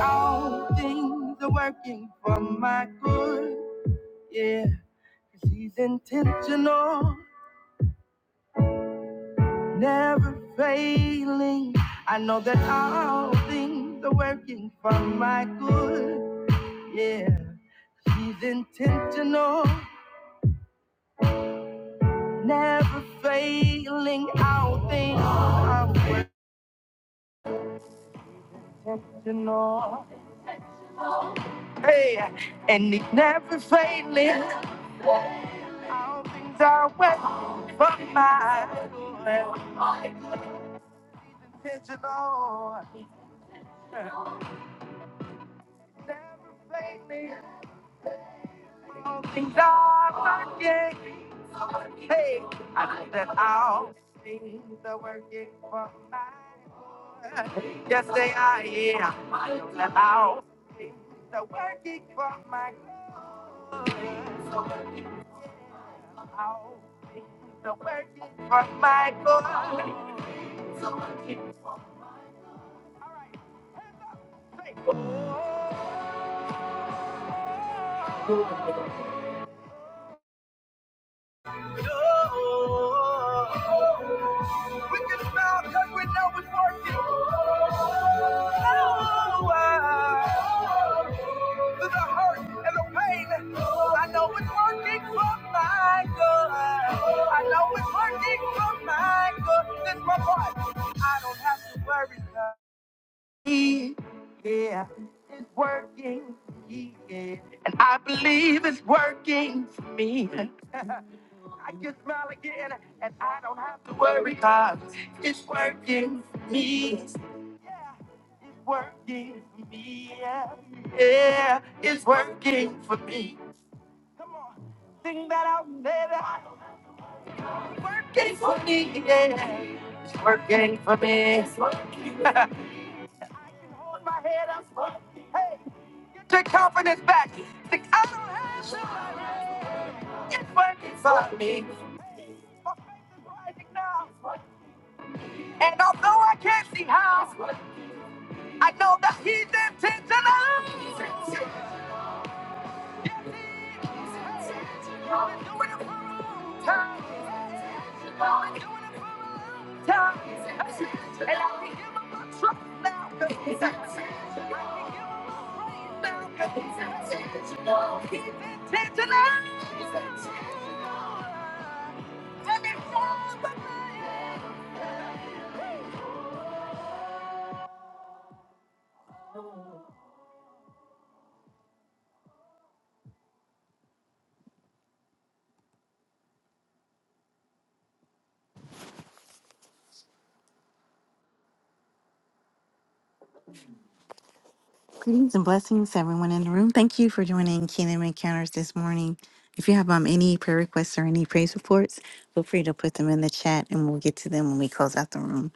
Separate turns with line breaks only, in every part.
All things are working for my good. Yeah, 'cause he's intentional, never failing. I know that all things are working for my good. Yeah, 'cause he's intentional, never failing. All things are intentional. Hey, and he's never failing. All things are working for my good. Intentional. Never fake me. All things are working. Hey, I know that all things are working for my good. Yes, they are. Yeah, I know that all things are working for my good. Yeah, all things are working for my good. All right, hands up, say. Oh. Oh, We can smile we know it's working. Oh, ah. Through the hurt and the pain, I know it's working for my good. I know it's working for my good. This my part. I don't have to worry. 'cause He, yeah, it's working. Yeah. And I believe it's working for me. I can smile again, and I don't have to worry 'cause it's working for me. Yeah, it's working for me. Yeah, yeah, it's working for me. Come on, sing that out, baby. It's working for me. Yeah, it's working for me. It's working. I can hold my head up. Hey, get your confidence back. Think I don't have to. It's working for me. Hey, my faith is rising now. And although I can't see how, I know that he's intentional. Time. And I can give him my trust now 'cause he's intentional. Greetings and blessings, everyone in the room. Thank you for joining Kingdom Encounters this morning. If you have um, any prayer requests or any praise reports, feel free to put them in the chat and we'll get to them when we close out the room.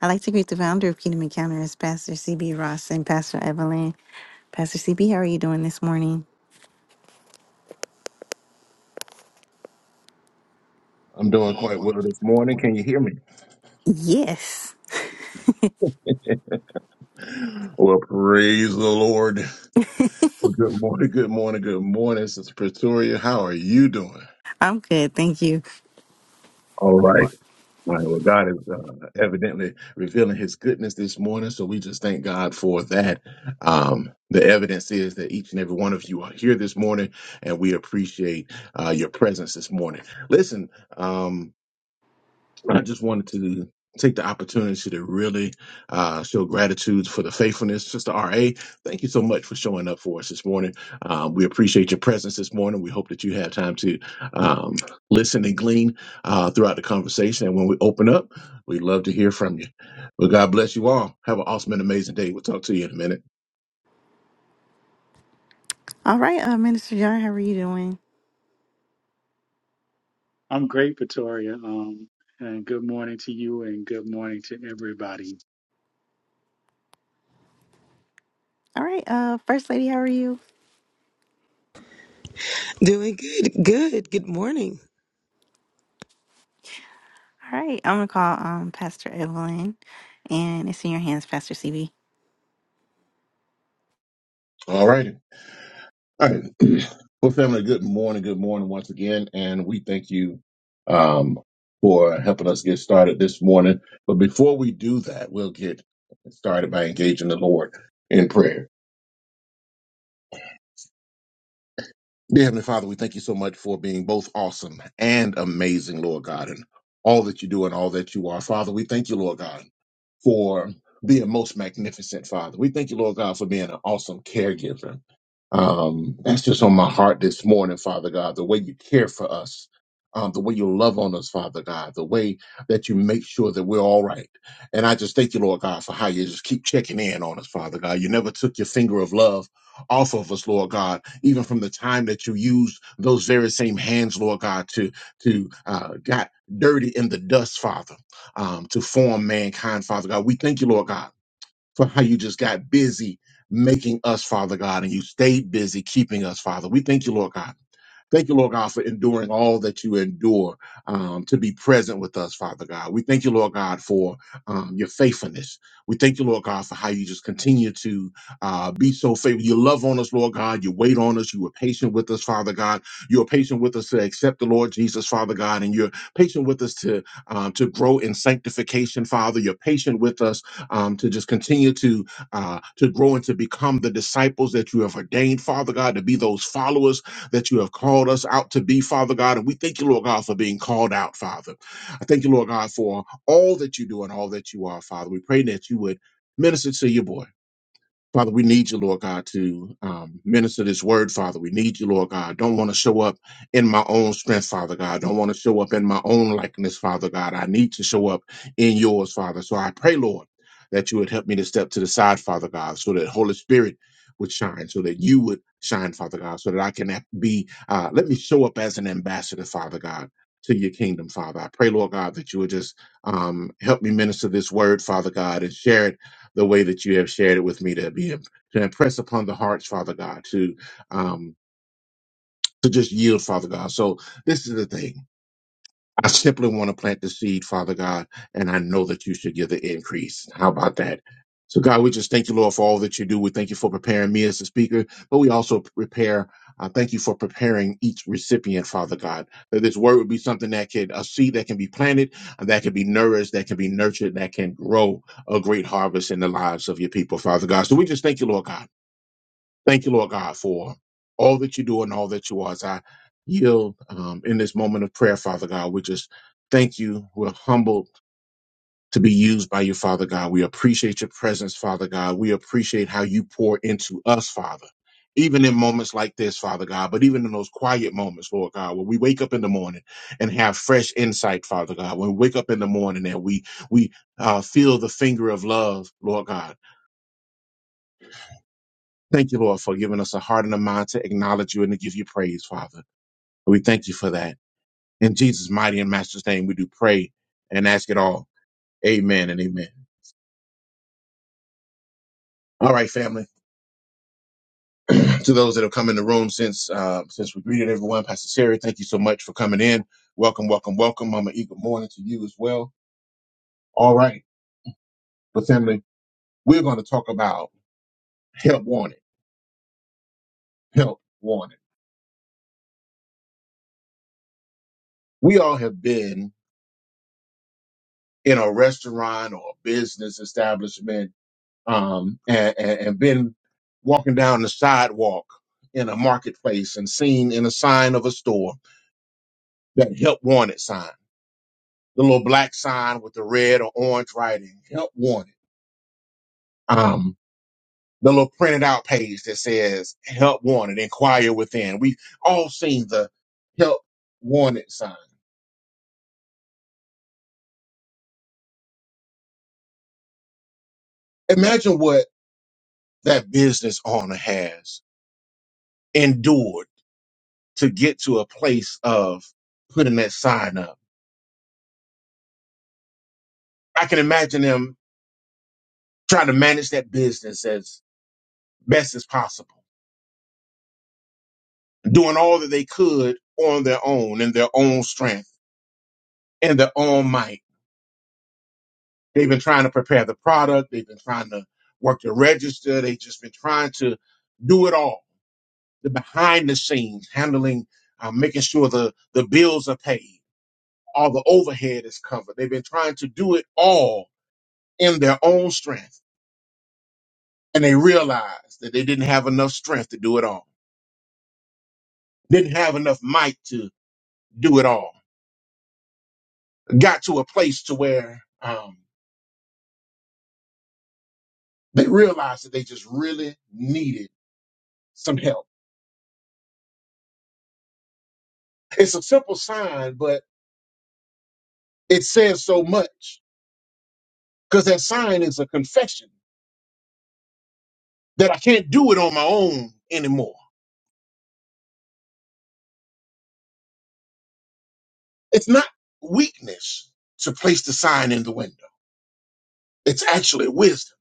I'd like to greet the founder of Kingdom Encounters, Pastor CB Ross and Pastor Evelyn. Pastor CB, how are you doing this morning?
I'm doing quite well this morning. Can you hear me?
Yes.
Well, praise the Lord. Well, good morning, good morning, good morning. Sister Pretoria, how are you doing?
I'm good, thank you.
All right. All right. Well, God is uh, evidently revealing his goodness this morning. So we just thank God for that. Um, the evidence is that each and every one of you are here this morning, and we appreciate uh, your presence this morning. Listen, um, I just wanted to take the opportunity to really uh, show gratitude for the faithfulness. Sister RA, thank you so much for showing up for us this morning. Um, we appreciate your presence this morning. We hope that you have time to um, listen and glean uh, throughout the conversation. And when we open up, we'd love to hear from you. But God bless you all. Have an awesome and amazing day. We'll talk to you in a minute.
All right, uh, Minister John, how are you doing?
I'm great, Pretoria. Um, and good morning to you, and good morning to everybody.
All right, uh, First Lady, how are you?
Doing good, good, good morning.
All right, I'm gonna call um Pastor Evelyn, and it's in your hands, Pastor CB.
All righty. All right. Well, family, good morning. Good morning once again. And we thank you um, for helping us get started this morning. But before we do that, we'll get started by engaging the Lord in prayer. Dear Heavenly Father, we thank you so much for being both awesome and amazing, Lord God, and all that you do and all that you are. Father, we thank you, Lord God. for being most magnificent father. We thank you, Lord God, for being an awesome caregiver. Um, that's just on my heart this morning, Father God, the way you care for us. Um, the way you love on us, Father God, the way that you make sure that we're all right. And I just thank you, Lord God, for how you just keep checking in on us, Father God. You never took your finger of love off of us, Lord God, even from the time that you used those very same hands, Lord God, to to uh, got dirty in the dust, Father um, to form mankind, Father God. We thank you, Lord God for how you just got busy making us, Father God, and you stayed busy keeping us, Father. We thank you, Lord God. Thank you, Lord God, for enduring all that you endure um, to be present with us, Father God. We thank you, Lord God, for um, your faithfulness. We thank you, Lord God, for how you just continue to uh, be so faithful. You love on us, Lord God. You wait on us. You were patient with us, Father God. You are patient with us to accept the Lord Jesus, Father God, and you're patient with us to um, to grow in sanctification, Father. You're patient with us um, to just continue to uh, to grow and to become the disciples that you have ordained, Father God, to be those followers that you have called us out to be, Father God. And we thank you, Lord God, for being called out, Father. I thank you, Lord God, for all that you do and all that you are, Father. We pray that you would minister to your boy. Father, we need you, Lord God, to um, minister this word, Father. We need you, Lord God. Don't want to show up in my own strength, Father God. Don't want to show up in my own likeness, Father God. I need to show up in yours, Father. So I pray, Lord, that you would help me to step to the side, Father God, so that Holy Spirit would shine, so that you would shine, Father God, so that I can be, uh, let me show up as an ambassador, Father God. To your kingdom, Father. I pray, Lord God, that you would just um, help me minister this word, Father God, and share it the way that you have shared it with me to be to impress upon the hearts, Father God, to um to just yield, Father God. So this is the thing. I simply want to plant the seed, Father God, and I know that you should give the increase. How about that? So, God, we just thank you, Lord, for all that you do. We thank you for preparing me as a speaker, but we also prepare. Uh, thank you for preparing each recipient, Father God, that this word would be something that could, a seed that can be planted, uh, that can be nourished, that can be nurtured, that can grow a great harvest in the lives of your people, Father God. So we just thank you, Lord God. Thank you, Lord God, for all that you do and all that you are. As I yield um, in this moment of prayer, Father God, we just thank you. We're humbled to be used by you, Father God. We appreciate your presence, Father God. We appreciate how you pour into us, Father. Even in moments like this, Father God, but even in those quiet moments, Lord God, when we wake up in the morning and have fresh insight, Father God, when we wake up in the morning and we we uh, feel the finger of love, Lord God, Thank you, Lord, for giving us a heart and a mind to acknowledge you and to give you praise, Father. We thank you for that. In Jesus' mighty and master's name, we do pray and ask it all. Amen and amen. All right, family. to those that have come in the room since uh, since we greeted everyone, Pastor Sherry, thank you so much for coming in. Welcome, welcome, welcome. Mama E, good morning to you as well. All right, but family, we're going to talk about help wanted. Help wanted. We all have been in a restaurant or a business establishment um, and, and, and been walking down the sidewalk in a marketplace and seen in a sign of a store that help wanted sign, the little black sign with the red or orange writing, help wanted. Um, the little printed out page that says help wanted, inquire within. We've all seen the help wanted sign. Imagine what that business owner has endured to get to a place of putting that sign up. I can imagine them trying to manage that business as best as possible, doing all that they could on their own, in their own strength, in their own might. They've been trying to prepare the product, they've been trying to work the register, they've just been trying to do it all. The behind the scenes, handling, uh, making sure the, the bills are paid, all the overhead is covered. They've been trying to do it all in their own strength. And they realized that they didn't have enough strength to do it all, didn't have enough might to do it all got to a place to where um, they realized that they just really needed some help. It's a simple sign, but it says so much because that sign is a confession that I can't do it on my own anymore. It's not weakness to place the sign in the window. It's actually wisdom.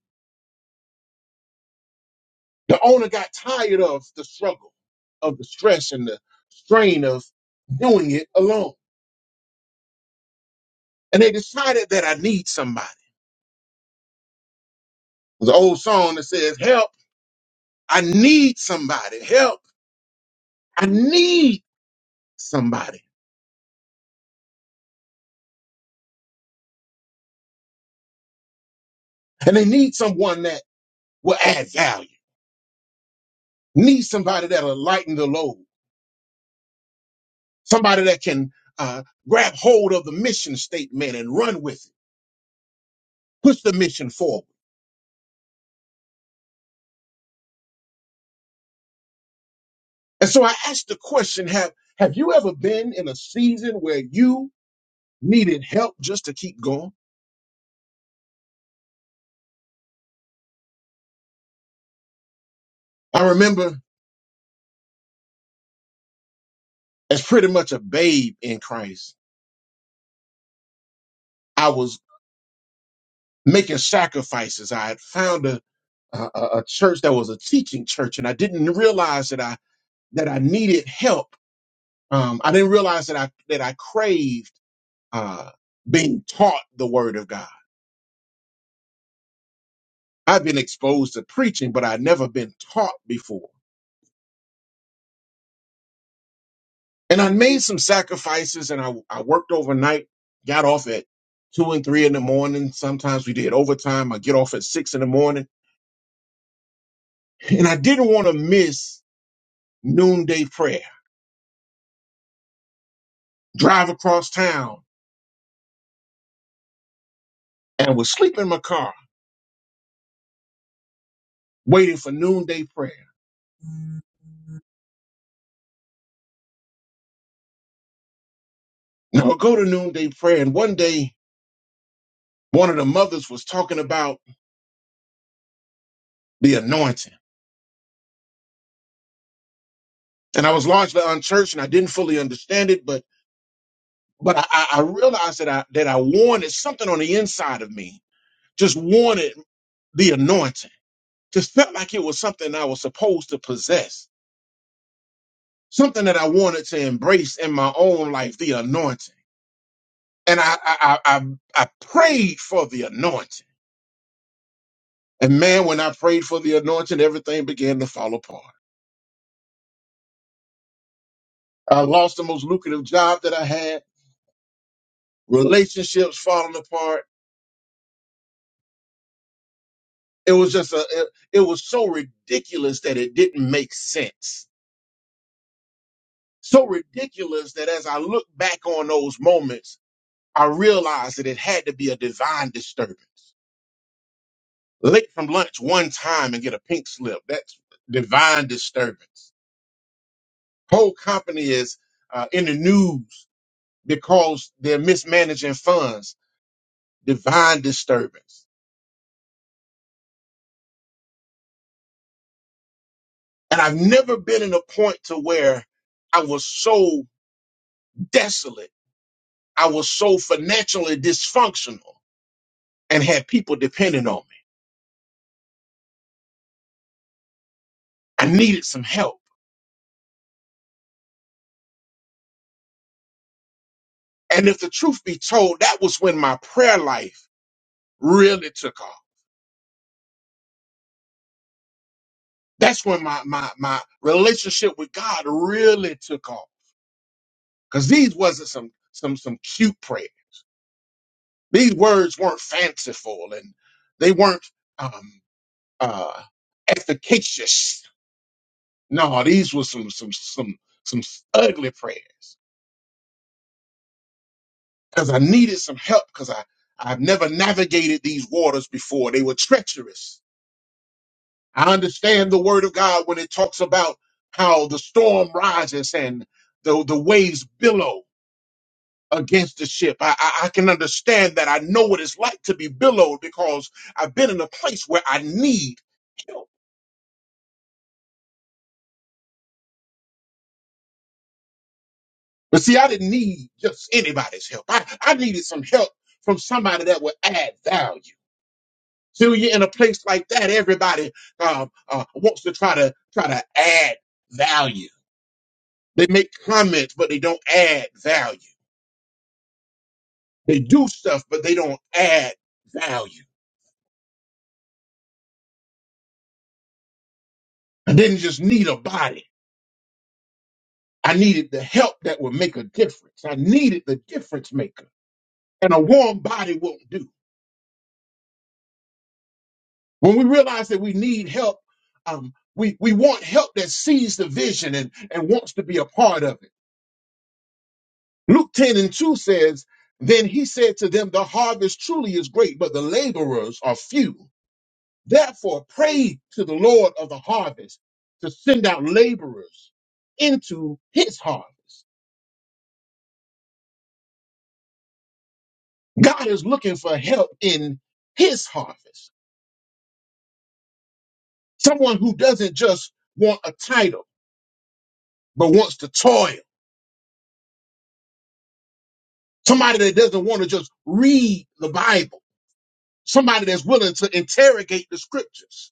The owner got tired of the struggle, of the stress and the strain of doing it alone. And they decided that I need somebody. There's an old song that says, help. I need somebody help. I need somebody. And they need someone that will add value. Need somebody that'll lighten the load. Somebody that can uh, grab hold of the mission statement and run with it, push the mission forward. And so I asked the question, have, have you ever been in a season where you needed help just to keep going? I remember as pretty much a babe in Christ, I was making sacrifices. I had found a a, a a church that was a teaching church, and I didn't realize that I that I needed help. Um, I didn't realize that I that I craved uh, being taught the Word of God. I've been exposed to preaching, but I'd never been taught before. And I made some sacrifices, and I I worked overnight, got off at two and three in the morning. Sometimes we did overtime. I get off at six in the morning, and I didn't want to miss noonday prayer. Drive across town and was sleep in my car waiting for noonday prayer. Now we will go to noonday prayer. And one day, one of the mothers was talking about the anointing. And I was largely unchurched and I didn't fully understand it, but but I, I I realized that I that I wanted something on the inside of me, just wanted the anointing. Just felt like it was something I was supposed to possess, something that I wanted to embrace in my own life, the anointing. And I I I, I I prayed for the anointing. And man, when I prayed for the anointing, everything began to fall apart. I lost the most lucrative job that I had, relationships falling apart. It was just a, it, it was so ridiculous that it didn't make sense. So ridiculous that as I look back on those moments, I realized that it had to be a divine disturbance. Late from lunch one time and get a pink slip. That's divine disturbance. Whole company is uh, in the news because they're mismanaging funds divine disturbance. And I've never been in a point to where I was so desolate. I was so financially dysfunctional and had people depending on me. I needed some help. And if the truth be told, that was when my prayer life really took off. That's when my my my relationship with God really took off. Cause these wasn't some some some cute prayer. These words weren't fanciful and they weren't um uh efficacious No, these were some some some some ugly prayers because I needed some help because I I've never navigated these waters before. They were treacherous. I understand the word of God when it talks about how the storm rises and the the waves billow against the ship. I, I I can understand that. I know what it's like to be billowed because I've been in a place where I need help. But see, I didn't need just anybody's help. I, I needed some help from somebody that would add value. So you're in a place like that, everybody um, uh, wants to try to try to add value. They make comments, but they don't add value. They do stuff, but they don't add value. I didn't just need a body. I needed the help that would make a difference. I needed the difference maker, and a warm body won't do. When we realize that we need help, um, we we want help that sees the vision and and wants to be a part of it. Luke 10 and 2 says, Then he said to them, The harvest truly is great, but the laborers are few. Therefore, pray to the Lord of the harvest to send out laborers into his harvest. God is looking for help in his harvest. Someone who doesn't just want a title, but wants to toil. Somebody that doesn't want to just read the Bible. Somebody that's willing to interrogate the scriptures.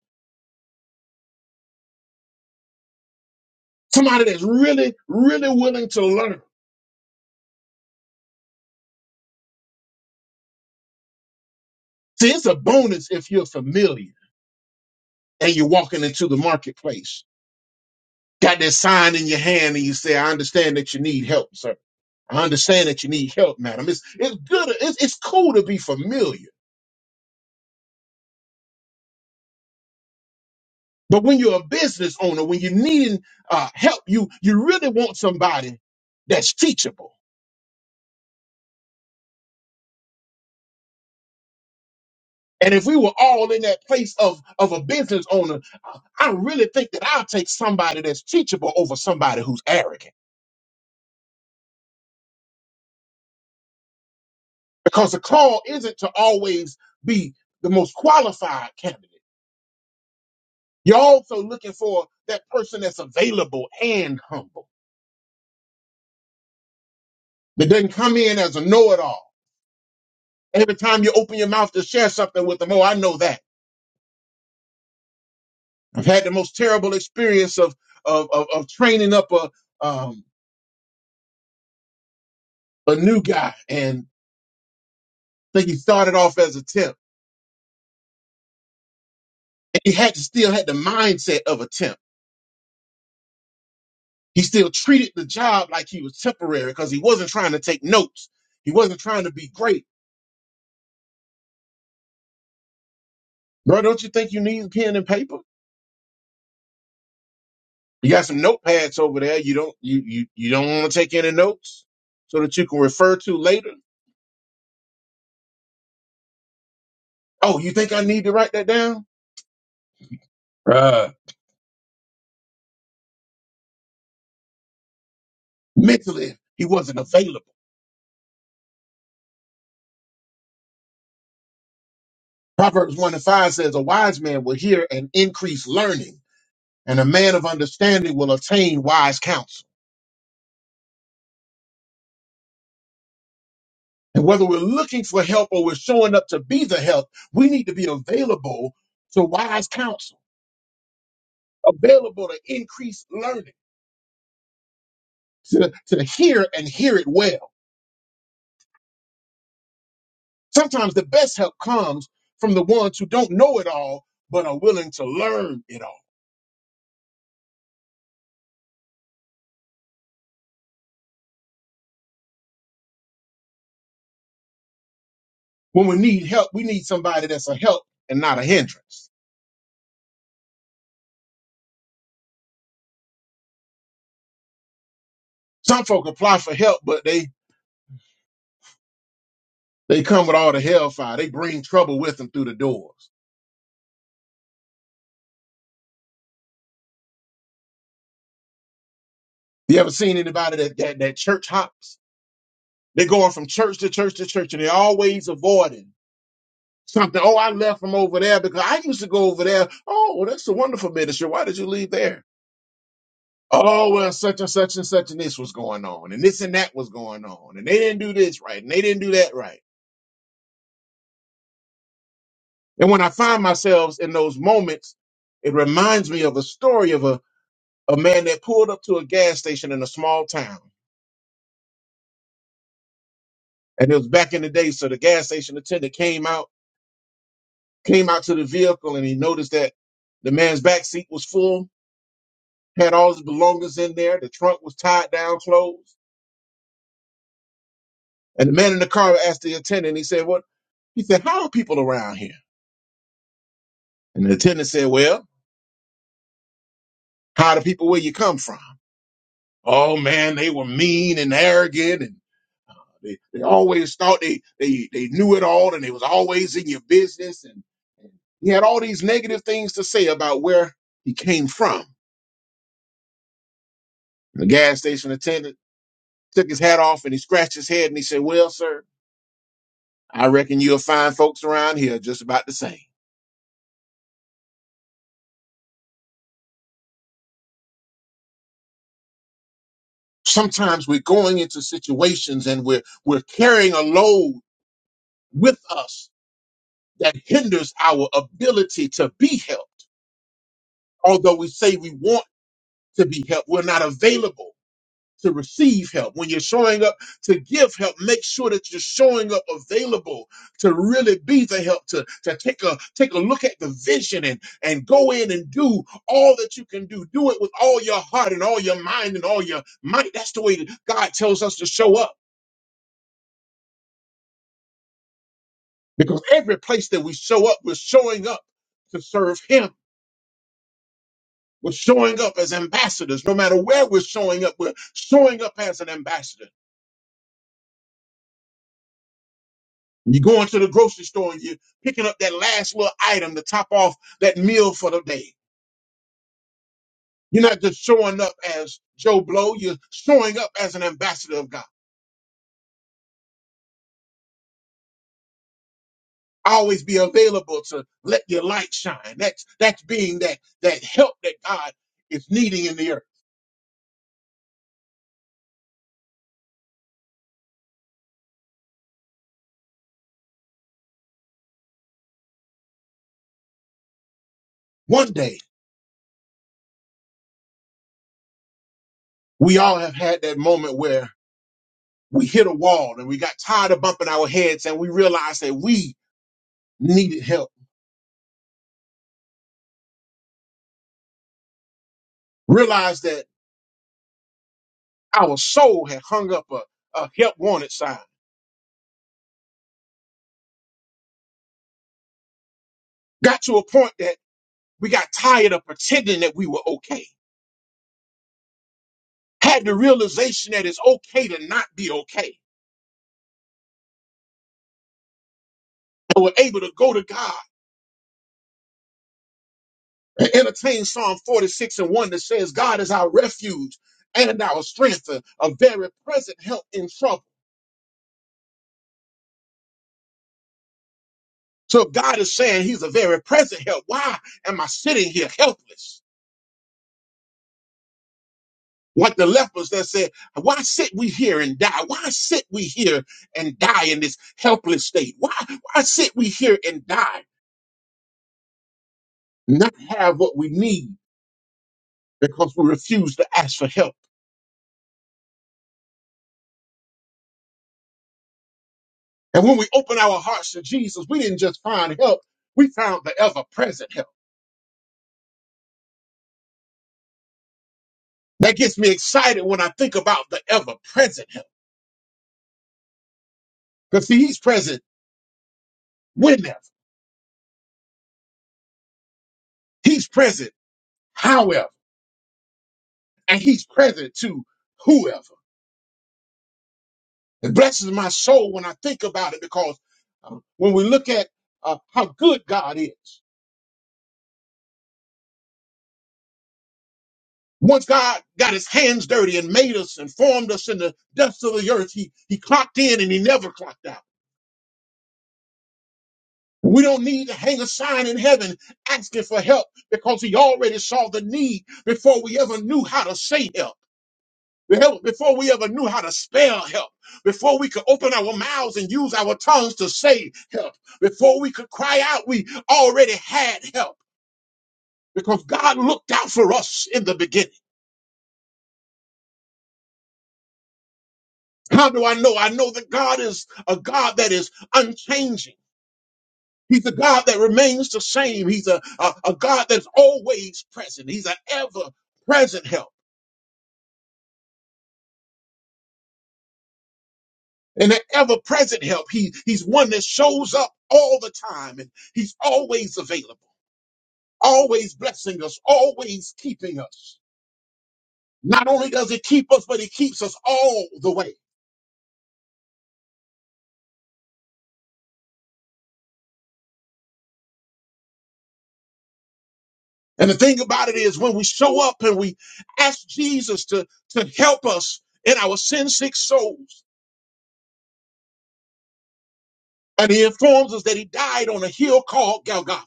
Somebody that's really, really willing to learn See, it's a bonus if you're familiar and you're walking into the marketplace. Got that sign in your hand and you say, I understand that you need help, sir. I understand that you need help, madam. It's, it's good. It's, it's cool to be familiar. But when you're a business owner, when you're needing uh, help, you, you really want somebody that's teachable. And if we were all in that place of, of a business owner, I I really think that I'll take somebody that's teachable over somebody who's arrogant. because the call isn't to always be the most qualified candidate. You're also looking for that person that's available and humble, that doesn't come in as a know it all. Every time you open your mouth to share something with them, oh, I know that. I've had the most terrible experience of of, of, of training up a um, a new guy, and I think he started off as a temp, and he had to still had the mindset of a temp. He still treated the job like he was temporary because he wasn't trying to take notes. He wasn't trying to be great. Bro, don't you think you need pen and paper? You got some notepads over there. You don't you you, you don't want to take any notes so that you can refer to later. Oh, you think I need to write that down? Bruh. Mentally, he wasn't available. Proverbs 1 and 5 says, A wise man will hear and increase learning, and a man of understanding will attain wise counsel. And whether we're looking for help or we're showing up to be the help, we need to be available to wise counsel, available to increase learning. to, to hear and hear it well. Sometimes the best help comes from the ones who don't know it all, but are willing to learn it all. When we need help, we need somebody that's a help and not a hindrance. Some folk apply for help, but they, they come with all the hellfire. They bring trouble with them through the doors. You ever seen anybody that, that, that church hops? They're going from church to church to church and they're always avoiding something. Oh, I left from over there because I used to go over there. Oh, well, that's a wonderful ministry. Why did you leave there? Oh well, such and such and such and this was going on, and this and that was going on, and they didn't do this right, and they didn't do that right. And when I find myself in those moments, it reminds me of a story of a, a man that pulled up to a gas station in a small town. And it was back in the day, so the gas station attendant came out, came out to the vehicle, and he noticed that the man's back seat was full, had all his belongings in there, the trunk was tied down closed. And the man in the car asked the attendant, he said, What? He said, How are people around here? And the attendant said, Well, how are the people where you come from? Oh man, they were mean and arrogant and they, they always thought they, they they knew it all and they was always in your business and he had all these negative things to say about where he came from. The gas station attendant took his hat off and he scratched his head and he said, Well, sir, I reckon you'll find folks around here just about the same. Sometimes we're going into situations and we're we're carrying a load with us that hinders our ability to be helped although we say we want to be helped, we're not available to receive help. When you're showing up to give help, make sure that you're showing up available to really be the help, to, to take a take a look at the vision and, and go in and do all that you can do. Do it with all your heart and all your mind and all your might. That's the way that God tells us to show up. Because every place that we show up, we're showing up to serve Him. We're showing up as ambassadors. No matter where we're showing up, we're showing up as an ambassador. You going to the grocery store and you're picking up that last little item to top off that meal for the day. You're not just showing up as Joe Blow, you're showing up as an ambassador of God. Always be available to let your light shine. That's that's being that that help that God is needing in the earth. One day we all have had that moment where we hit a wall and we got tired of bumping our heads and we realized that we needed help. Realized that our soul had hung up a, a help wanted sign got to a point that we got tired of pretending that we were okay. Had the realization that it's okay to not be okay. And were able to go to God and entertain Psalm 46 and 1 that says, God is our refuge and our strength, a, a very present help in trouble. So if God is saying he's a very present help, why am I sitting here helpless? Like the lepers that said, why sit we here and die? Why sit we here and die in this helpless state? Why, why sit we here and die? not have what we need because we refuse to ask for help. And when we open our hearts to Jesus, we didn't just find help, we found the ever present help. That gets me excited when I think about the ever present help. Because see, he's present whenever, he's present however, and he's present to whoever. It blesses my soul when I think about it because uh, when we look at uh, how good God is, Once God got his hands dirty and made us and formed us in the depths of the earth, he, he clocked in and he never clocked out. We don't need to hang a sign in heaven asking for help because he already saw the need before we ever knew how to say help. The help- Before we ever knew how to spell help, before we could open our mouths and use our tongues to say help, before we could cry out, we already had help because God looked out for us in the beginning. How do I know? I know that God is a God that is unchanging. He's a God that remains the same. He's a, a, a God that's always present. He's an ever present help. And an ever present help. He, he's one that shows up all the time and he's always available, always blessing us, always keeping us. Not only does he keep us, but he keeps us all the way. And the thing about it is when we show up and we ask Jesus to, to help us in our sin sick souls, And he informs us that he died on a hill called Golgotha.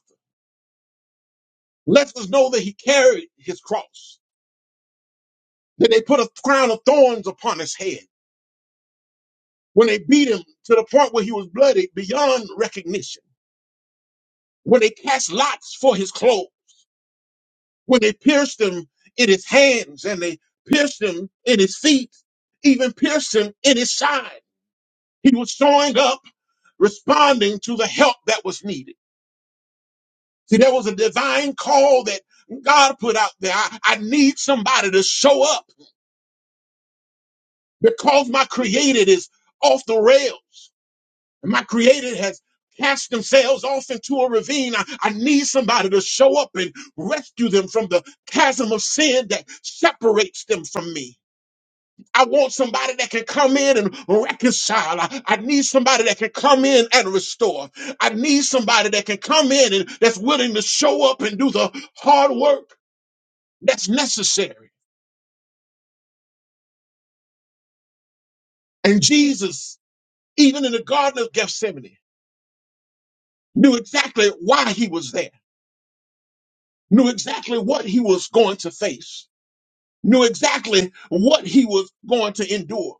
Lets us know that he carried his cross, that they put a crown of thorns upon his head when they beat him to the point where he was bloodied beyond recognition, when they cast lots for his clothes, when they pierced him in his hands and they pierced him in his feet, even pierced him in his side. He was showing up, responding to the help that was needed. See, there was a divine call that God put out there. I, I need somebody to show up because my created is off the rails. My created has cast themselves off into a ravine. I, I need somebody to show up and rescue them from the chasm of sin that separates them from me. I want somebody that can come in and reconcile. I, I need somebody that can come in and restore. I need somebody that can come in and that's willing to show up and do the hard work. That's necessary. And Jesus, even in the Garden of Gethsemane, knew exactly why he was there, knew exactly what he was going to face, knew exactly what he was going to endure.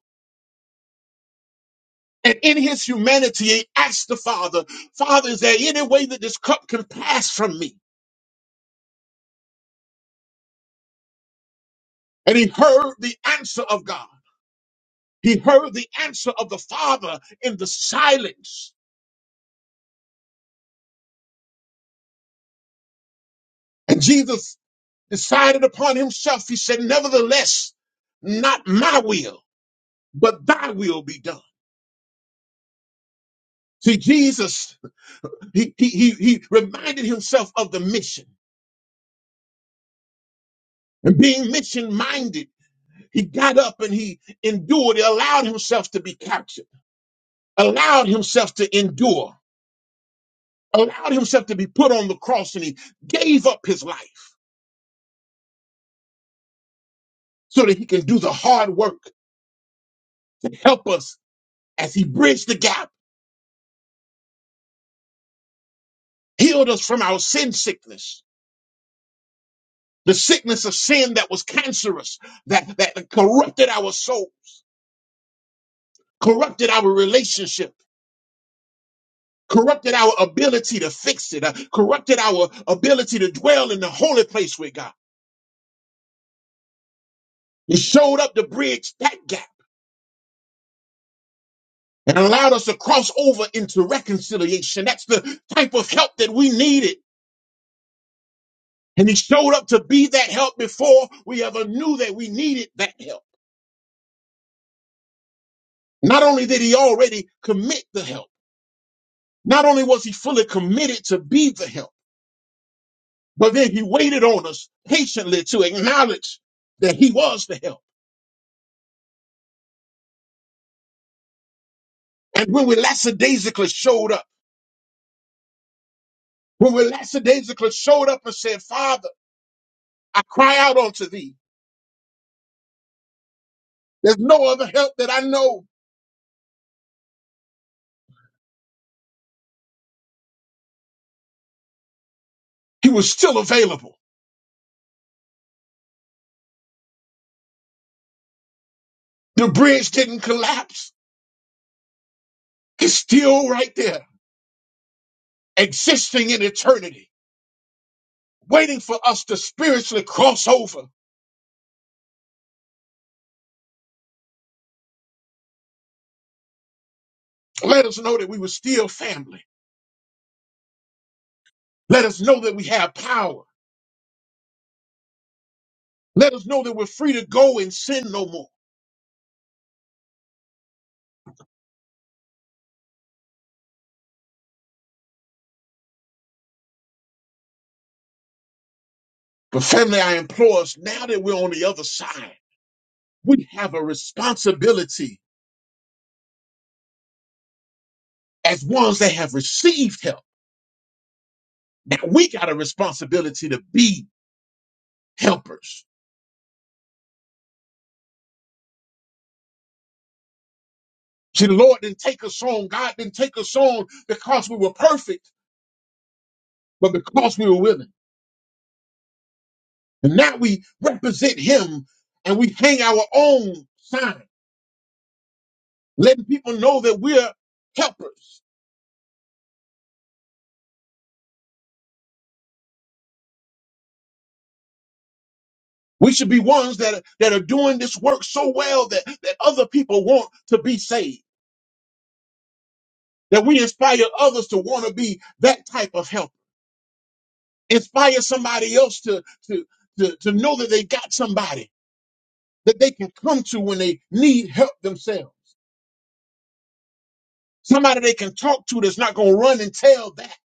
And in his humanity, he asked the Father, Father, is there any way that this cup can pass from me? And he heard the answer of God. He heard the answer of the Father in the silence. And Jesus decided upon himself. He said, Nevertheless, not my will. but thy will be done. See, Jesus, he, he, he, he reminded himself of the mission and being mission minded. He got up and he endured, he allowed himself to be captured, allowed himself to endure, allowed himself to be put on the cross and he gave up his life so that he can do the hard work to help us as he bridged the gap, healed us from our sin sickness, the sickness of sin that was cancerous, that, that corrupted our souls, corrupted our relationships corrupted our ability to fix it, uh, corrupted our ability to dwell in the holy place with God. He showed up to bridge that gap and allowed us to cross over into reconciliation. That's the type of help that we needed. And he showed up to be that help before we ever knew that we needed that help. Not only did he already commit the help, not only was he fully committed to be the help, but then he waited on us patiently to acknowledge that he was the help. And when we lackadaisically showed up, When we lackadaisical showed up and said, Father, I cry out unto thee. There's no other help that I know. He was still available. The bridge didn't collapse. He's still right there, existing in eternity, waiting for us to spiritually cross over. Let us know that we were still family. Let us know that we have power. Let us know that we're free to go and sin no more. But family, I implore us now that we're on the other side, we have a responsibility as ones that have received help Now we got a responsibility to be helpers. See, the Lord didn't take us on. God didn't take us on because we were perfect, but because we were willing. And now we represent Him and we hang our own sign, letting people know that we're helpers. We should be ones that are, that are doing this work so well that, that other people want to be saved, that we inspire others to want to be that type of helper, inspire somebody else to, to, to, to know that they got somebody that they can come to when they need help themselves. Somebody they can talk to that's not going to run and tell that.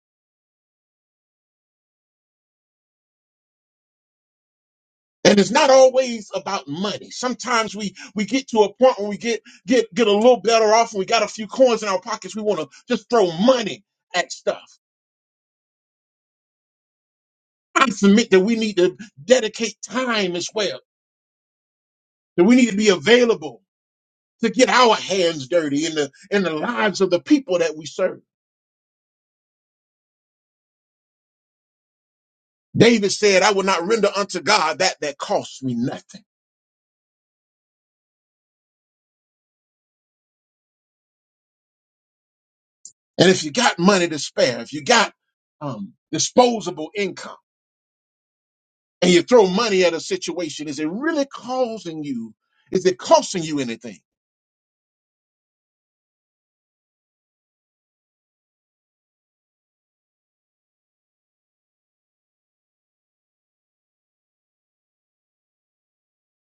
And it's not always about money. Sometimes we we get to a point where we get get get a little better off and we got a few coins in our pockets. We want to just throw money at stuff. I submit that we need to dedicate time as well. That we need to be available to get our hands dirty in the in the lives of the people that we serve. David said, "I will not render unto God that that costs me nothing." And if you got money to spare, if you got um, disposable income, and you throw money at a situation, is it really causing you? Is it costing you anything?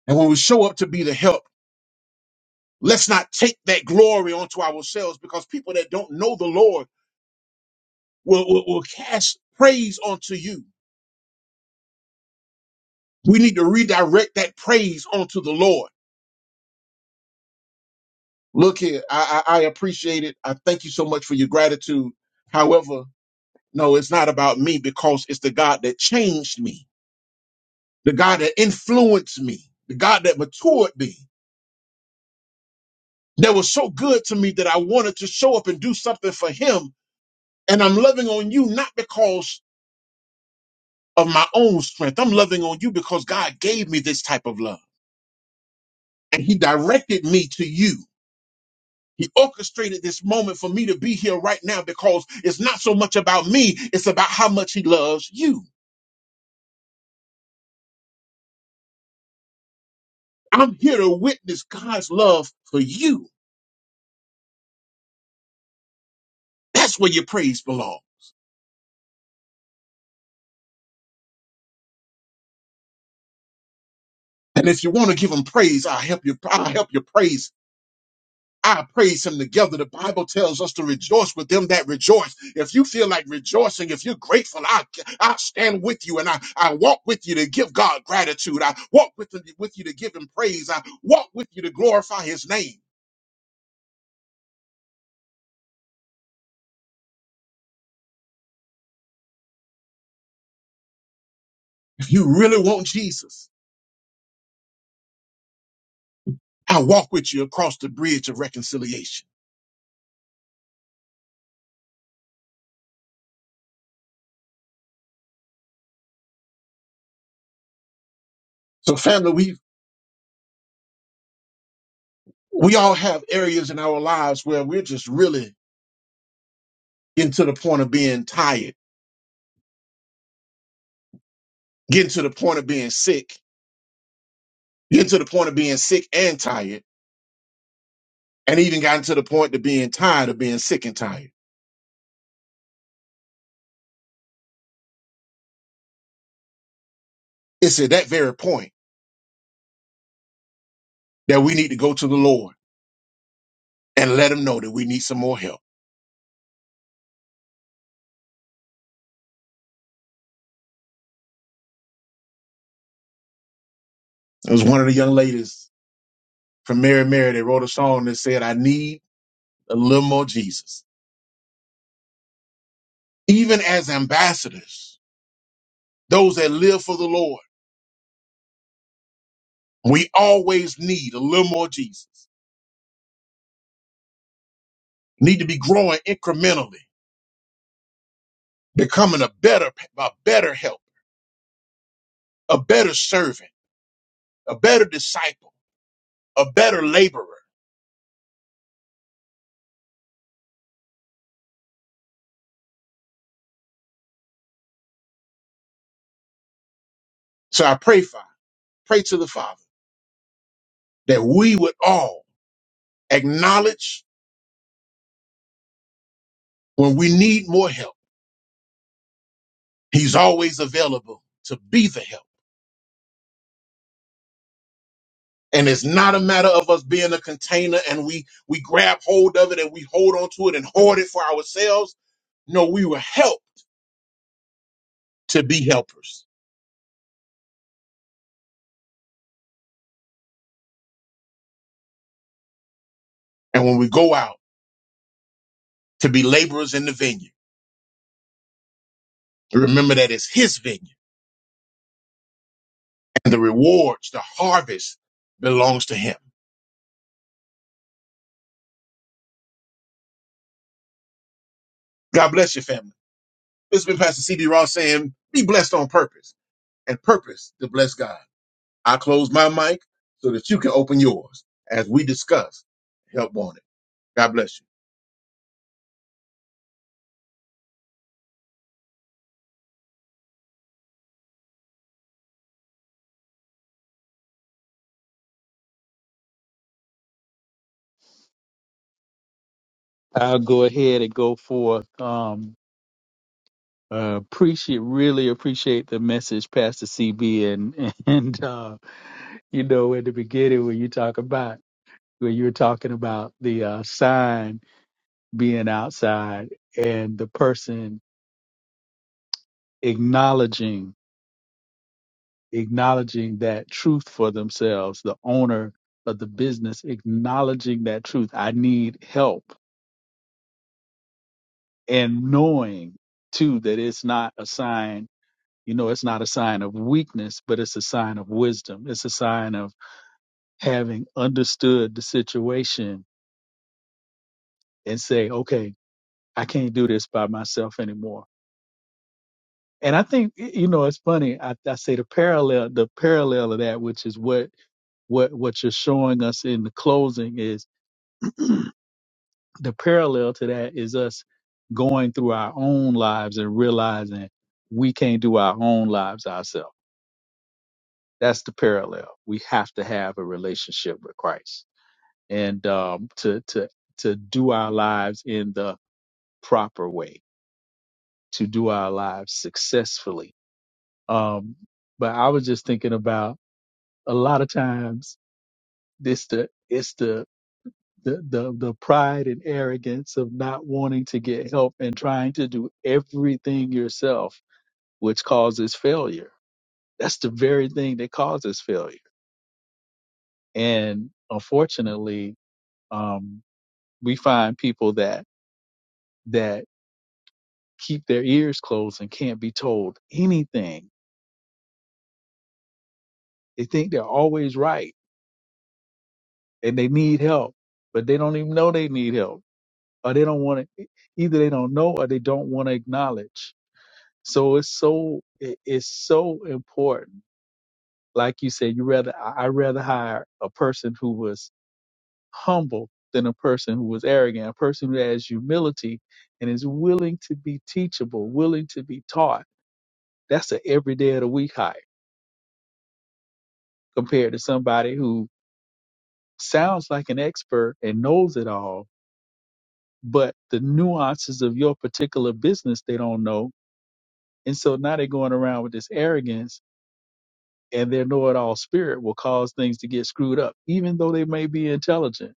And when we show up to be the help, let's not take that glory onto ourselves because people that don't know the Lord will, will, will cast praise onto you. We need to redirect that praise onto the Lord. Look here, I, I, I appreciate it. I thank you so much for your gratitude. However, no, it's not about me because it's the God that changed me. the God that influenced me, the God that matured me, that was so good to me that I wanted to show up and do something for him. And I'm loving on you not because of my own strength. I'm loving on you because God gave me this type of love and he directed me to you. He orchestrated this moment for me to be here right now because it's not so much about me. It's about how much he loves you. I'm here to witness God's love for you. That's where your praise belongs. And if you want to give him praise, I'll help you. I'll help you praise him I praise him together. The Bible tells us to rejoice with them that rejoice. If you feel like rejoicing, if you're grateful, I, I stand with you and I, I walk with you to give God gratitude. I walk with, him, with you to give him praise. I walk with you to glorify his name. If you really want Jesus, I walk with you across the bridge of reconciliation. So family, we, we all have areas in our lives where we're just really getting to the point of being tired, getting to the point of being sick, getting to the point of being sick and tired and even gotten to the point of being tired of being sick and tired. It's at that very point that we need to go to the Lord and let him know that we need some more help. It was one of the young ladies from Mary Mary that wrote a song that said, I need a little more Jesus. Even as ambassadors, those that live for the Lord, we always need a little more Jesus. Need to be growing incrementally, becoming a better, a better help, a better servant, a better disciple, a better laborer. So I pray, Father, pray to the Father that we would all acknowledge when we need more help. He's always available to be the help. And it's not a matter of us being a container and we we grab hold of it and we hold on to it and hoard it for ourselves. No, we were helped to be helpers. And when we go out to be laborers in the vineyard, remember that it's his vineyard and the rewards, the harvest belongs to him. God bless your family. This has been Pastor C.D. Ross saying, be blessed on purpose and purpose to bless God. I close my mic so that you can open yours as we discuss help wanted. God bless you.
I'll go ahead and go forth. Um, uh, appreciate, really appreciate the message, Pastor CB, and and uh, you know, in the beginning when you talk about when you were talking about the uh, sign being outside and the person acknowledging acknowledging that truth for themselves, the owner of the business acknowledging that truth. I need help. and knowing too that it's not a sign you know it's not a sign of weakness but it's a sign of wisdom it's a sign of having understood the situation and say okay i can't do this by myself anymore and i think you know it's funny i, I say the parallel the parallel of that which is what what what you're showing us in the closing is the parallel to that is us going through our own lives and realizing we can't do our own lives ourselves That's the parallel. We have to have a relationship with Christ and um, to to to do our lives in the proper way, to do our lives successfully. Um, but I was just thinking about a lot of times this the it's the the, the the pride and arrogance of not wanting to get help and trying to do everything yourself, which causes failure. That's the very thing that causes failure. And unfortunately, um, we find people that that keep their ears closed and can't be told anything. They think they're always right and they need help, but they don't even know they need help or they don't want to either they don't know or they don't want to acknowledge. So it's so it- it's so important. Like you said, you rather I I rather hire a person who was humble than a person who was arrogant, a person who has humility and is willing to be teachable, willing to be taught. That's an every day of the week hire compared to somebody who sounds like an expert and knows it all, but the nuances of your particular business they don't know. And so now they're going around with this arrogance and their know it all spirit will cause things to get screwed up, even though they may be intelligent,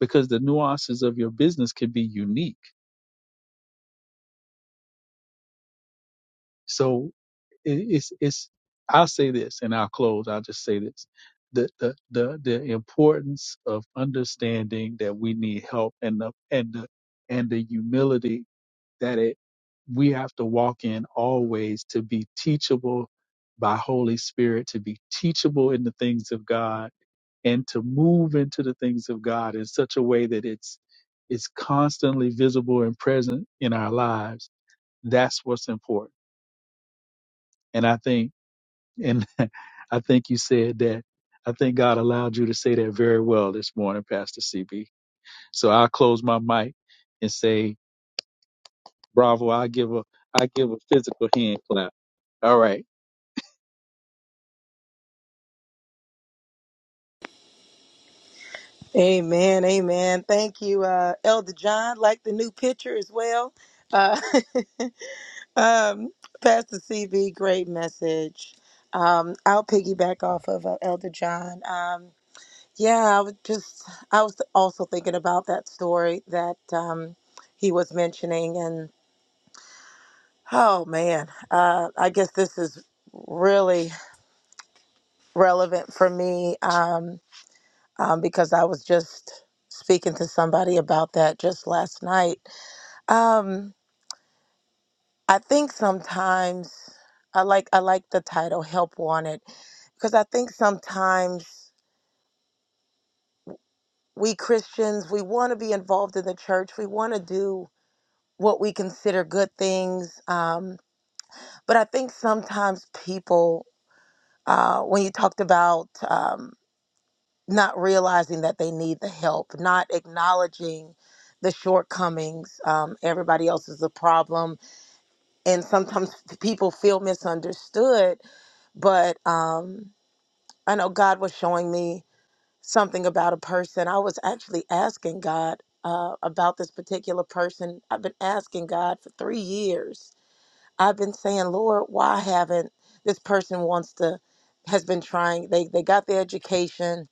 because the nuances of your business can be unique. So. it- it's it's I'll say this and I'll close. I'll just say this. The, the the the importance of understanding that we need help and the and the and the humility that it we have to walk in always to be teachable by Holy Spirit, to be teachable in the things of God and to move into the things of God in such a way that it's it's constantly visible and present in our lives. That's what's important. And I think and I think you said that. I think God allowed you to say that very well this morning, Pastor CB. So I'll close my mic and say, bravo. I give a, I give a physical hand clap. All right.
Amen. Amen. Thank you, uh, Elder John. Like the new picture as well. Uh, um, Pastor CB, great message. Um, I'll piggyback off of uh, Elder John. Um, yeah, I was just, I was also thinking about that story that um, he was mentioning. And oh man, uh, I guess this is really relevant for me. Um, um, because I was just speaking to somebody about that just last night. Um, I think sometimes I like I like the title "Help Wanted" because I think sometimes we Christians we want to be involved in the church, we want to do what we consider good things, um, but I think sometimes people, uh, when you talked about um, not realizing that they need the help, not acknowledging the shortcomings. Um, everybody else is a problem. And sometimes people feel misunderstood. But um, I know God was showing me something about a person. I was actually asking God uh, about this particular person. I've been asking God for three years. I've been saying, Lord, why haven't this person wants to, has been trying, they, they got their education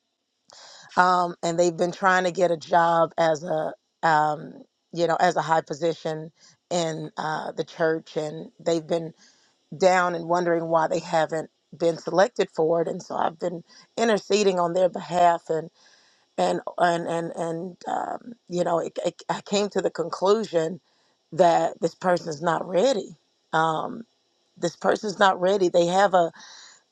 um, and they've been trying to get a job as a um, you know as a high position in uh, the church and they've been down and wondering why they haven't been selected for it and so I've been interceding on their behalf and and and and, and um, you know it, it, I came to the conclusion that this person's not ready um, this person's not ready they have a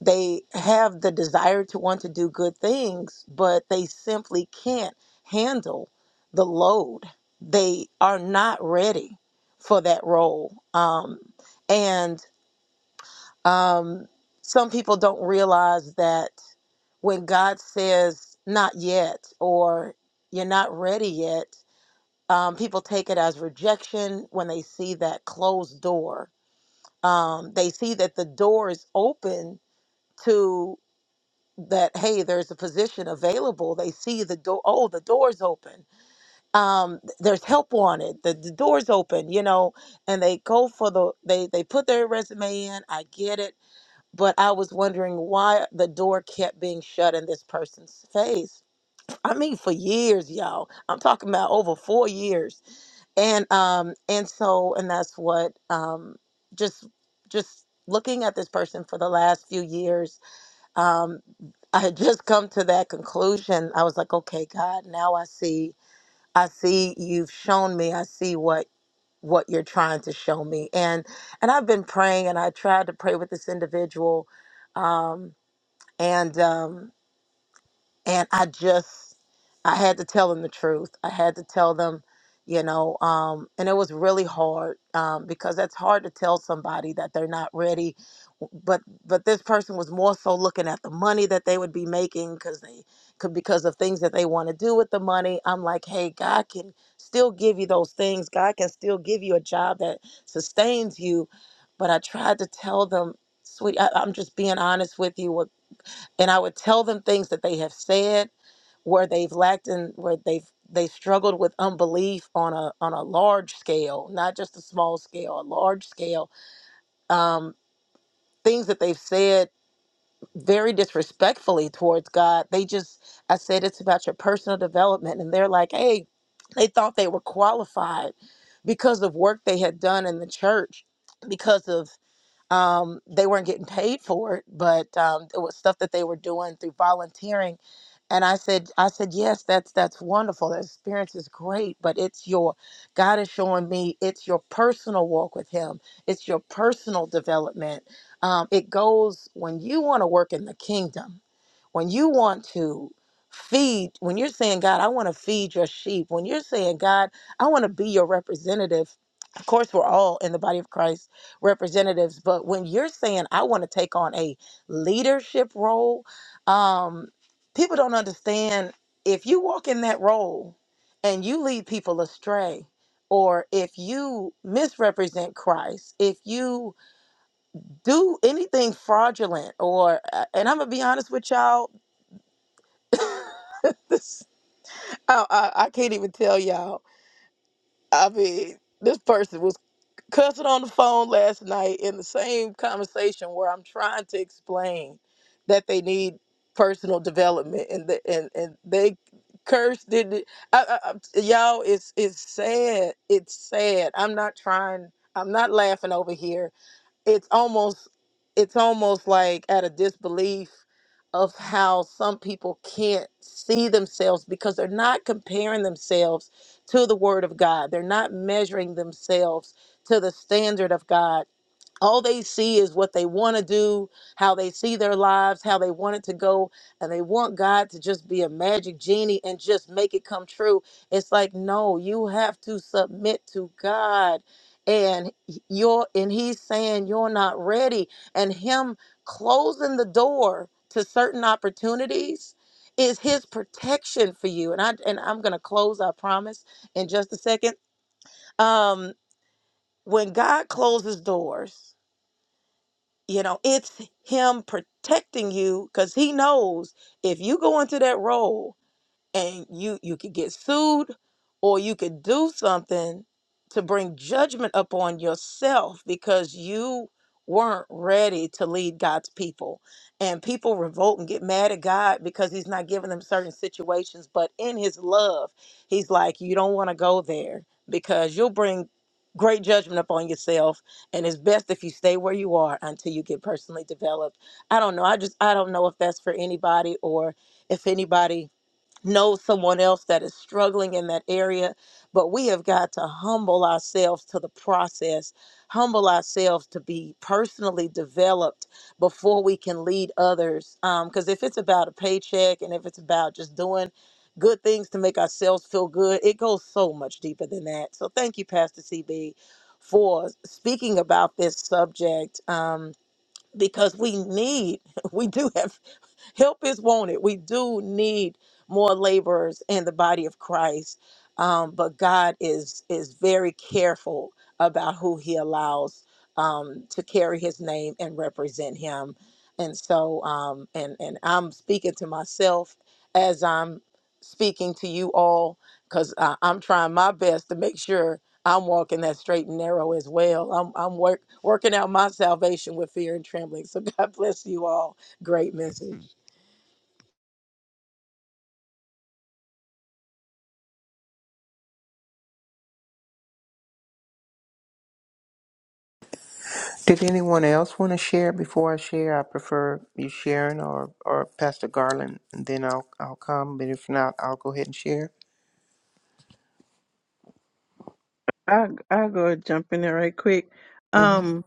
they have the desire to want to do good things, but they simply can't handle the load. They are not ready for that role. Um, and um, some people don't realize that when God says, not yet, or you're not ready yet, um, people take it as rejection when they see that closed door. Um, they see that the door is open that hey there's a position available they see the door oh the door's open um th- there's help wanted the, the door's open you know and they go for the they they put their resume in i get it but i was wondering why the door kept being shut in this person's face i mean for years y'all i'm talking about over four years and um and so and that's what um just just looking at this person for the last few years um, I had just come to that conclusion. I was like, okay, God, now I see. I see you've shown me. I see what what you're trying to show me. And and I've been praying, and I tried to pray with this individual, um, and um, and I just I had to tell them the truth. I had to tell them, you know, um, and it was really hard um, because that's hard to tell somebody that they're not ready. But but this person was more so looking at the money that they would be making because they could because of things that they want to do with the money. I'm like, hey, God can still give you those things. God can still give you a job that sustains you. But I tried to tell them, sweet, I, I'm just being honest with you. What and I would tell them things that they have said where they've lacked in where they've they struggled with unbelief on a on a large scale, not just a small scale, a large scale. Um, things that they've said very disrespectfully towards God. They just I said it's about your personal development, and they're like, hey, they thought they were qualified because of work they had done in the church, because of um, they weren't getting paid for it, but um, it was stuff that they were doing through volunteering. And I said, I said, yes, that's that's wonderful. That experience is great, but it's your God is showing me it's your personal walk with Him. It's your personal development. Um, it goes when you want to work in the kingdom when you want to feed when you're saying god i want to feed your sheep when you're saying god i want to be your representative of course we're all in the body of christ representatives but when you're saying i want to take on a leadership role um people don't understand if you walk in that role and you lead people astray or if you misrepresent christ if you do anything fraudulent or uh, and i'm gonna be honest with y'all this I, I I can't even tell y'all. I mean, this person was cussing on the phone last night in the same conversation where I'm trying to explain that they need personal development and the, and and they cursed did it. I, I, I- y'all, it's it's sad. It's sad. I'm not trying. I'm not laughing over here it's almost it's almost like at a disbelief of how some people can't see themselves because they're not comparing themselves to the word of God. They're not measuring themselves to the standard of God all they see is what they want to do, how they see their lives, how they want it to go, and they want God to just be a magic genie and just make it come true. It's like, no, you have to submit to God. And you're and he's saying you're not ready. And him closing the door to certain opportunities is his protection for you. And I and I'm gonna close, I promise, in just a second. Um, when God closes doors, you know it's him protecting you because he knows if you go into that role and you you could get sued or you could do something to bring judgment upon yourself because you weren't ready to lead God's people. And people revolt and get mad at God because he's not giving them certain situations, but in his love, he's like you don't want to go there because you'll bring great judgment upon yourself and it's best if you stay where you are until you get personally developed. I don't know. I just I don't know if that's for anybody or if anybody know someone else that is struggling in that area, but we have got to humble ourselves to the process, humble ourselves to be personally developed before we can lead others. Because if it's about a paycheck and if it's about just doing good things to make ourselves feel good, it goes so much deeper than that. So thank you, Pastor CB, for speaking about this subject. Um, because we need, we do have Help is wanted. We do need more laborers in the body of Christ. Um, but God is is very careful about who He allows um, to carry His name and represent Him. And so, um, and and I'm speaking to myself as I'm speaking to you all because I'm trying my best to make sure I'm walking that straight and narrow as well. I'm I'm work, working out my salvation with fear and trembling. So God bless you all. Great message.
Did anyone else want to share before I share? I prefer you sharing or, or Pastor Garland, and then I'll I'll come. But if not, I'll go ahead and share.
I I go jump in there right quick.
hmm
Um,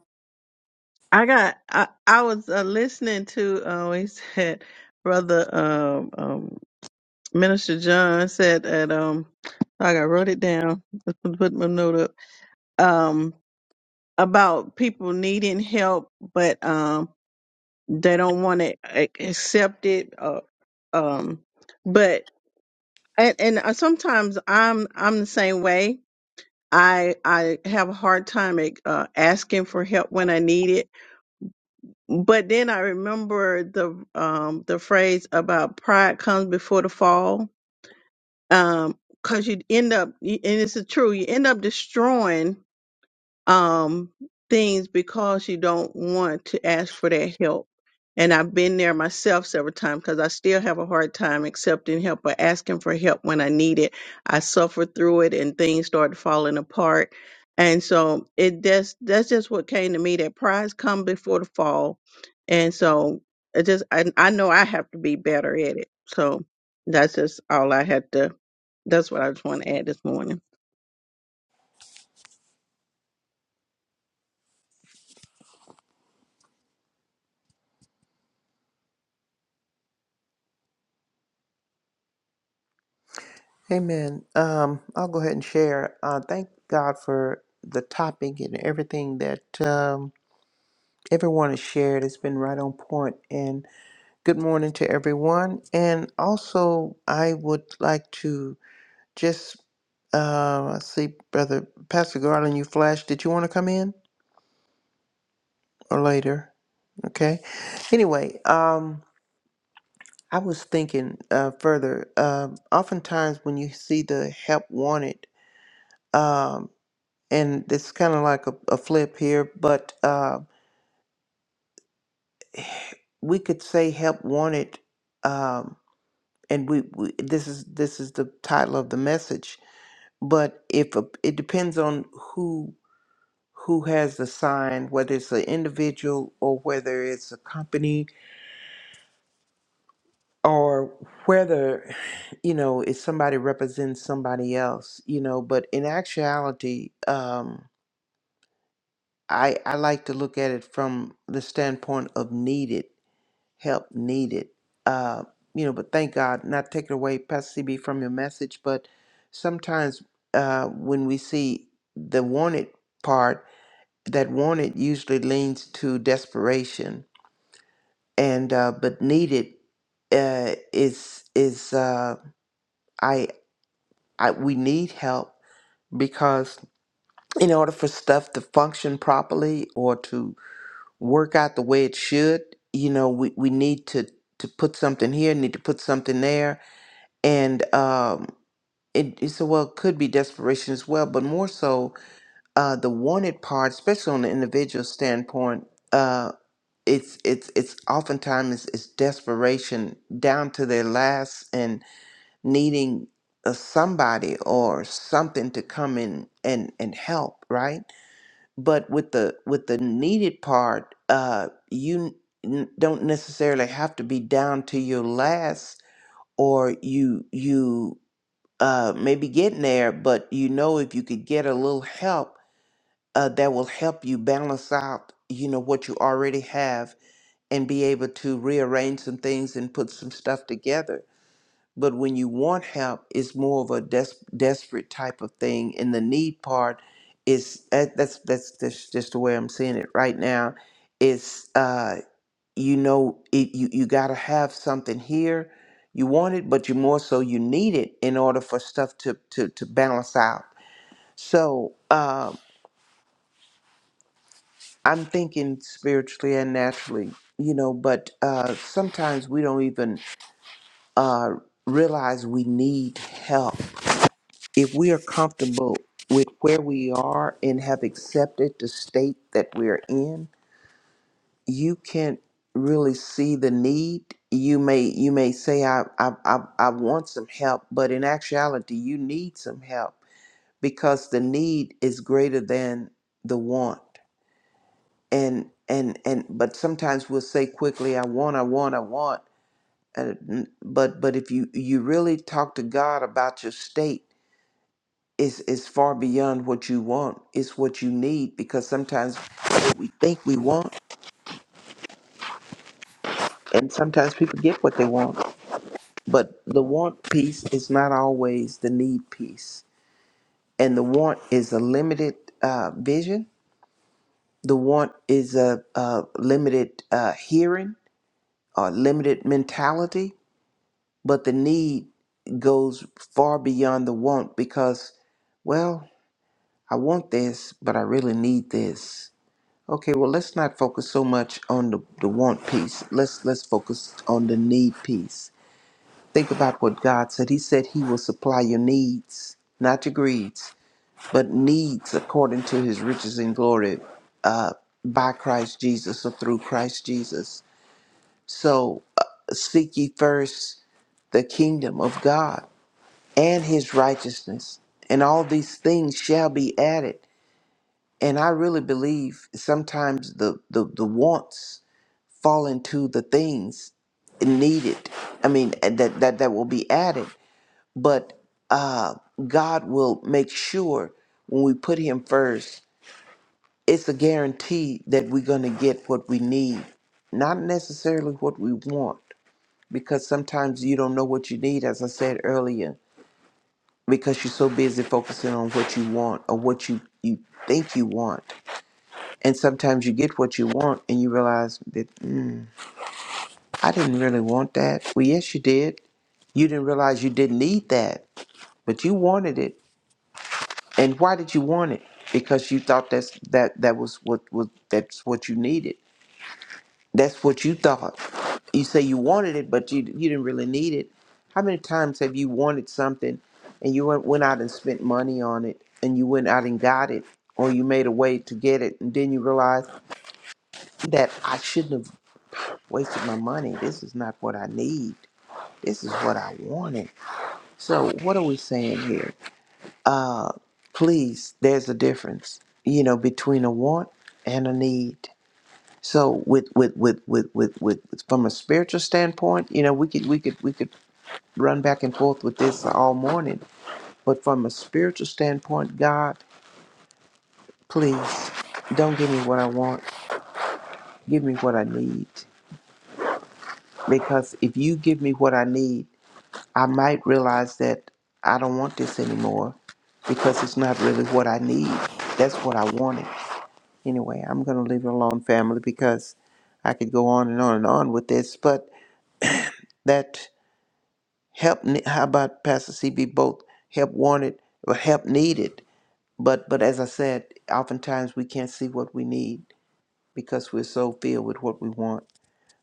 I got I I was uh, listening to uh, he said brother um um minister John said that um I got wrote it down let put put my note up um about people needing help but um they don't want to accept it uh, um but and and uh, sometimes I'm I'm the same way I I have a hard time like, uh, asking for help when I need it. But then I remember the um, the phrase about pride comes before the fall, because you end up, and this is true, you end up destroying um, things because you don't want to ask for that help. And I've been there myself several times because I still have a hard time accepting help or asking for help when I need it. I suffered through it and things started falling apart. And so it just that's just what came to me that pride come before the fall. And so it just I, I know I have to be better at it. So that's just all I had to that's what I just want to add this morning.
Amen. Um, I'll go ahead and share. Uh, thank God for the topic and everything that um, everyone has shared. It's been right on point. And good morning to everyone. And also, I would like to just uh, I see, brother Pastor Garland, you flashed. Did you want to come in or later? Okay. Anyway, um, I was thinking uh, further. Um, oftentimes, when you see the help wanted, um, and it's kind of like a, a flip here, but uh, we could say help wanted, um, and we, we this is this is the title of the message. But if a, it depends on who who has the sign, whether it's an individual or whether it's a company or whether you know it's somebody represents somebody else you know but in actuality um i i like to look at it from the standpoint of needed help needed uh you know but thank god not taking away pastor cb from your message but sometimes uh when we see the wanted part that wanted usually leans to desperation and uh but needed uh is is uh I, we need help because in order for stuff to function properly or to work out the way it should, you know, we, we need to, to put something here, need to put something there. And um, it, it's well, it could be desperation as well, but more so uh, the wanted part, especially on the individual standpoint, uh, it's, it's, it's oftentimes it's, it's desperation down to their last and needing a somebody or something to come in and and help right but with the with the needed part uh you n- don't necessarily have to be down to your last or you you uh maybe getting there but you know if you could get a little help uh that will help you balance out you know what you already have and be able to rearrange some things and put some stuff together but when you want help, it's more of a des- desperate type of thing, and the need part is that- that's that's that's just the way I'm seeing it right now. It's uh, you know, it, you you got to have something here. You want it, but you more so you need it in order for stuff to to to balance out. So um, I'm thinking spiritually and naturally, you know. But uh, sometimes we don't even uh, realize we need help if we are comfortable with where we are and have accepted the state that we're in, you can really see the need. You may you may say I I I, I want some help, but in actuality, you need some help because the need is greater than the want. And and and but sometimes we'll say quickly, I want, I want, I want. Uh, n- but but if you you really talk to God about your state is is far beyond what you want. It's what you need because sometimes what we think we want, and sometimes people get what they want. But the want piece is not always the need piece, and the want is a limited uh, vision. The want is a, a limited uh, hearing or limited mentality, but the need goes far beyond the want because, well, I want this, but I really need this Okay, well, let's not focus so much on the, the want piece. Let's let's focus on the need piece. Think about what God said. He said he will supply your needs, not your greeds, but needs according to his riches and glory uh, by Christ Jesus or through Christ Jesus. So uh, seek ye first the kingdom of God and his righteousness, and all these things shall be added. And I really believe sometimes the, the, the wants fall into the things needed. I mean, that that that will be added, but uh, God will make sure when we put Him first, it's a guarantee that we're going to get what we need, not necessarily what we want, because sometimes you don't know what you need, as I said earlier, because you're so busy focusing on what you want or what you you think you want. And sometimes you get what you want and you realize that mm, I didn't really want that. Well, yes, you did You didn't realize you didn't need that, but you wanted it. And why did you want it? Because you thought that's that that was what was that's what you needed. That's what you thought. You say you wanted it, but you you didn't really need it. How many times have you wanted something and you went, went out and spent money on it and you went out and got it or you made a way to get it and then you realize that I shouldn't have wasted my money. This is not what I need. This is what I wanted. So what are we saying here? Uh, please, there's a difference, you know, between a want and a need. So with with with with with, with from a spiritual standpoint, you know, we could we could we could run back and forth with this all morning. But from a spiritual standpoint, God, please don't give me what I want. Give me what I need. Because if you give me what I need, I might realize that I don't want this anymore because it's not really what I need. That's what I wanted. Anyway, I'm going to leave it alone, family, because I could go on and on and on with this. But that help, ne- how about Pastor CB? Both help wanted or help needed. But but as I said, oftentimes we can't see what we need because we're so filled with what we want.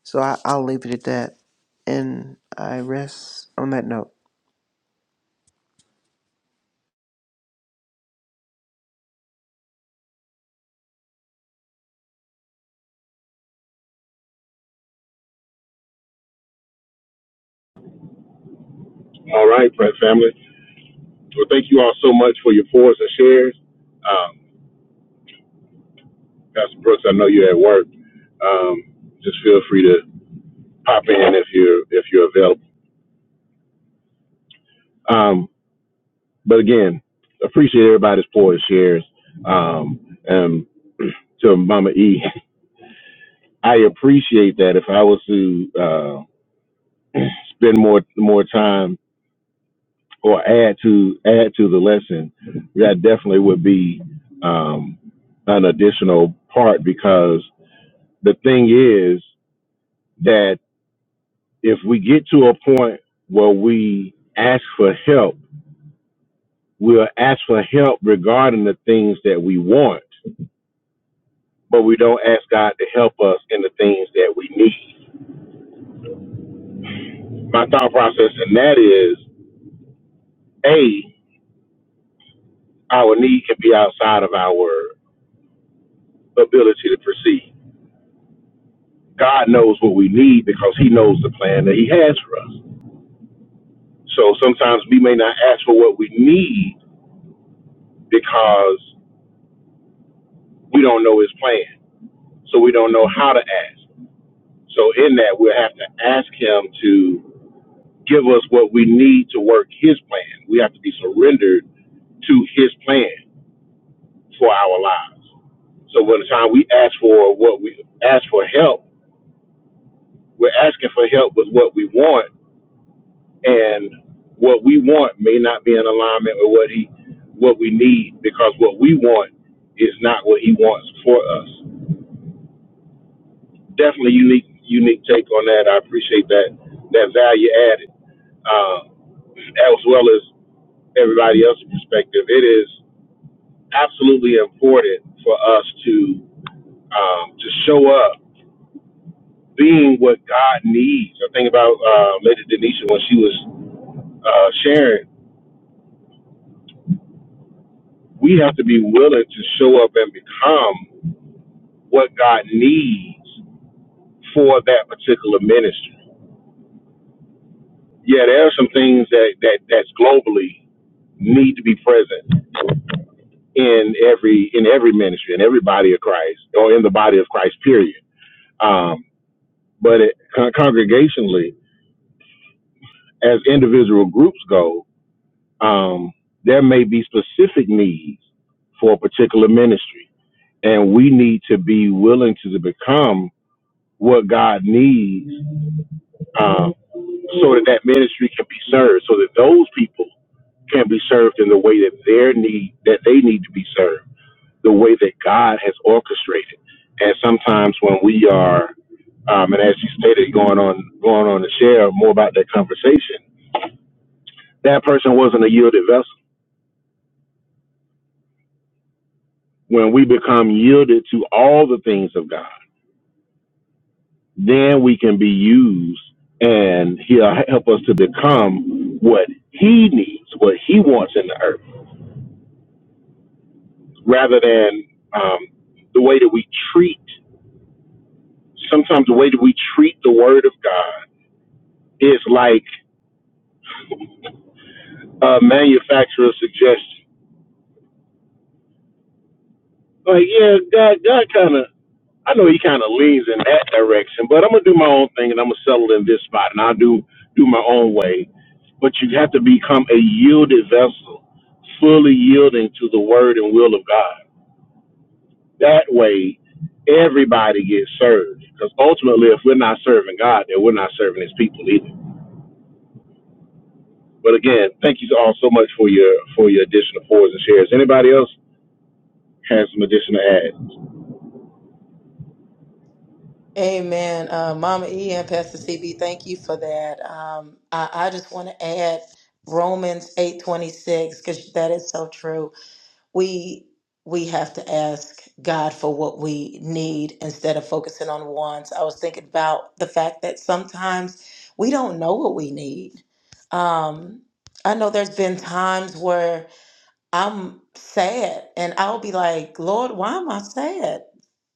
So I, I'll leave it at that, and I rest on that note.
All right, Prayer Family. Well, thank you all so much for your fours and shares. Um, Pastor Brooks, I know you're at work. Um, just feel free to pop in if you're if you're available. Um, but again, appreciate everybody's fours and shares. Um, and to Mama E, I appreciate that. If I was to uh, spend more more time or add to add to the lesson, that definitely would be um, an additional part because the thing is that if we get to a point where we ask for help, we'll ask for help regarding the things that we want, but we don't ask God to help us in the things that we need. My thought process in that is a our need can be outside of our ability to proceed God knows what we need because He knows the plan that He has for us. So sometimes we may not ask for what we need because we don't know His plan. So we don't know how to ask. So in that, we'll have to ask Him to give us what we need to work His plan. We have to be surrendered to His plan for our lives. So by the time we ask for what we ask for help, we're asking for help with what we want and what we want may not be in alignment with what he what we need because what we want is not what he wants for us. Definitely unique unique take on that. I appreciate that that value added. Uh, as well as everybody else's perspective, it is absolutely important for us to um, to show up being what God needs. I think about uh, Lady Denisha when she was uh, sharing. We have to be willing to show up and become. what God needs for that particular ministry. Yeah, there are some things that that that's globally need to be present in every in every ministry in every body of Christ or in the body of Christ. Period. Um, but it, con- congregationally, as individual groups go, um, there may be specific needs for a particular ministry, and we need to be willing to become what God needs Um. so that that ministry can be served, so that those people can be served in the way that their need that they need to be served, the way that God has orchestrated. And sometimes when we are, um, and as you stated, going on going on to share more about that conversation, that person wasn't a yielded vessel. When we become yielded to all the things of God, then we can be used, and He'll help us to become what He needs, what He wants in the earth rather than um, the way that we treat. Sometimes the way that we treat the Word of God is like a manufacturer's suggestion. Like, yeah, God, God kind of, I know He kind of leans in that direction, but I'm gonna do my own thing and I'm gonna settle in this spot and I'll do do my own way. But you have to become a yielded vessel, fully yielding to the Word and will of God. That way, everybody gets served. Because ultimately, if we're not serving God, then we're not serving His people either. But again, thank you all so much for your for your additional fours and shares. Anybody else has some additional ads?
Amen. Uh, Mama E and Pastor CB, thank you for that. Um, I, I just want to add Romans 8:26 because that is so true. We we have to ask God for what we need instead of focusing on wants. I was thinking about the fact that sometimes we don't know what we need. Um, I know there's been times where I'm sad and I'll be like, Lord, why am I sad?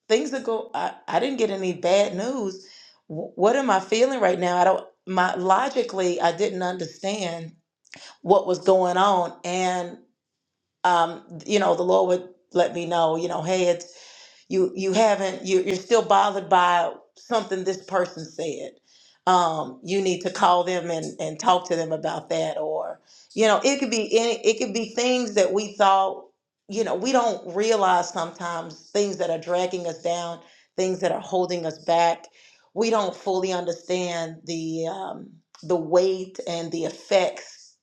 things that go I, I didn't get any bad news Wh- what am i feeling right now i don't my logically i didn't understand what was going on and um you know the lord would let me know you know hey it's you you haven't you, you're still bothered by something this person said um, you need to call them and, and talk to them about that or you know it could be any it could be things that we thought you know we don't realize sometimes things that are dragging us down things that are holding us back we don't fully understand the um, the weight and the effects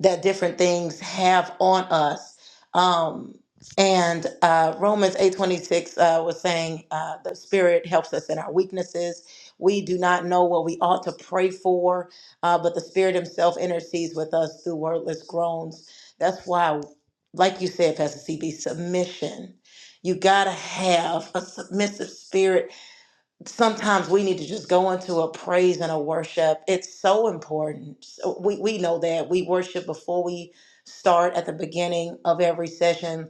that different things have on us. Um, and uh, Romans 8:26 uh, was saying uh, the Spirit helps us in our weaknesses. We do not know what we ought to pray for, uh, but the Spirit Himself intercedes with us through wordless groans. That's why, like you said, Pastor CB, submission. You gotta have a submissive spirit sometimes we need to just go into a praise and a worship. It's so important. So We we know that we worship before we start at the beginning of every session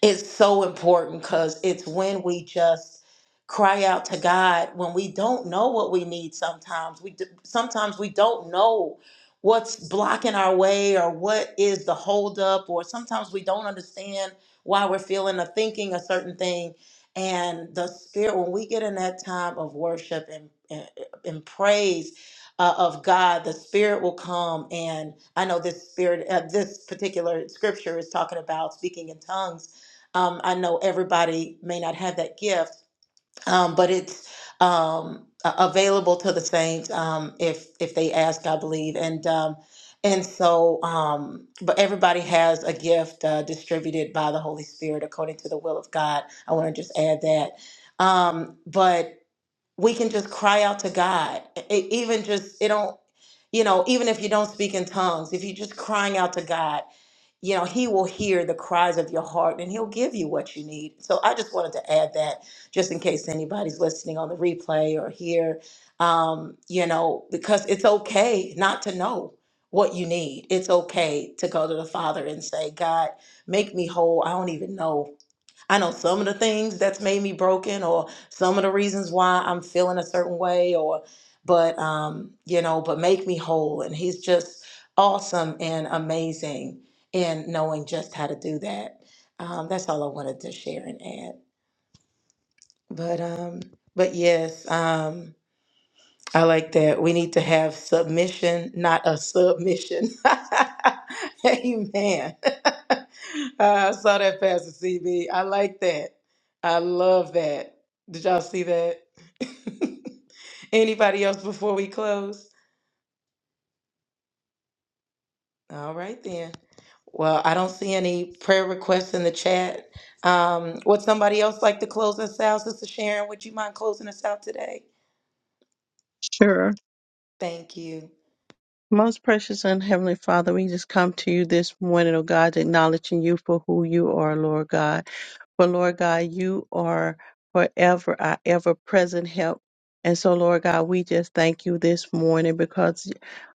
it's so important because it's when we just cry out to God when we don't know what we need sometimes. We do, sometimes we don't know what's blocking our way or what is the holdup, or sometimes we don't understand why we're feeling or thinking a certain thing. And the spirit, when we get in that time of worship and, and, and praise uh, of God, the spirit will come. And I know this spirit, uh, this particular scripture is talking about speaking in tongues um, I know everybody may not have that gift, um, but it's um, a- available to the saints um, if if they ask, I believe. And um, and so, um, but everybody has a gift uh, distributed by the Holy Spirit according to the will of God. I want to just add that. Um, but we can just cry out to God. It, even just it don't, you know, even if you don't speak in tongues, if you're just crying out to God, you know, He will hear the cries of your heart and He'll give you what you need. So I just wanted to add that, just in case anybody's listening on the replay or here, um, you know, because it's okay not to know what you need. It's okay to go to the Father and say, God, make me whole. I don't even know I know some of the things that's made me broken or some of the reasons why I'm feeling a certain way or but um you know but make me whole and he's just awesome and amazing in knowing just how to do that. Um that's all I wanted to share and add. But um but yes, um I like that. We need to have submission, not a submission. Amen. I saw that, Pastor CB. I like that. I love that. Did y'all see that? Anybody else before we close? All right, then. Well, I don't see any prayer requests in the chat. Um, would somebody else like to close us out? Sister Sharon, would you mind closing us out today?
Sure.
Thank you.
Most precious and heavenly Father, we just come to you this morning, oh God, acknowledging you for who you are, Lord God. But Lord God, you are forever our ever present help. And so, Lord God, we just thank you this morning because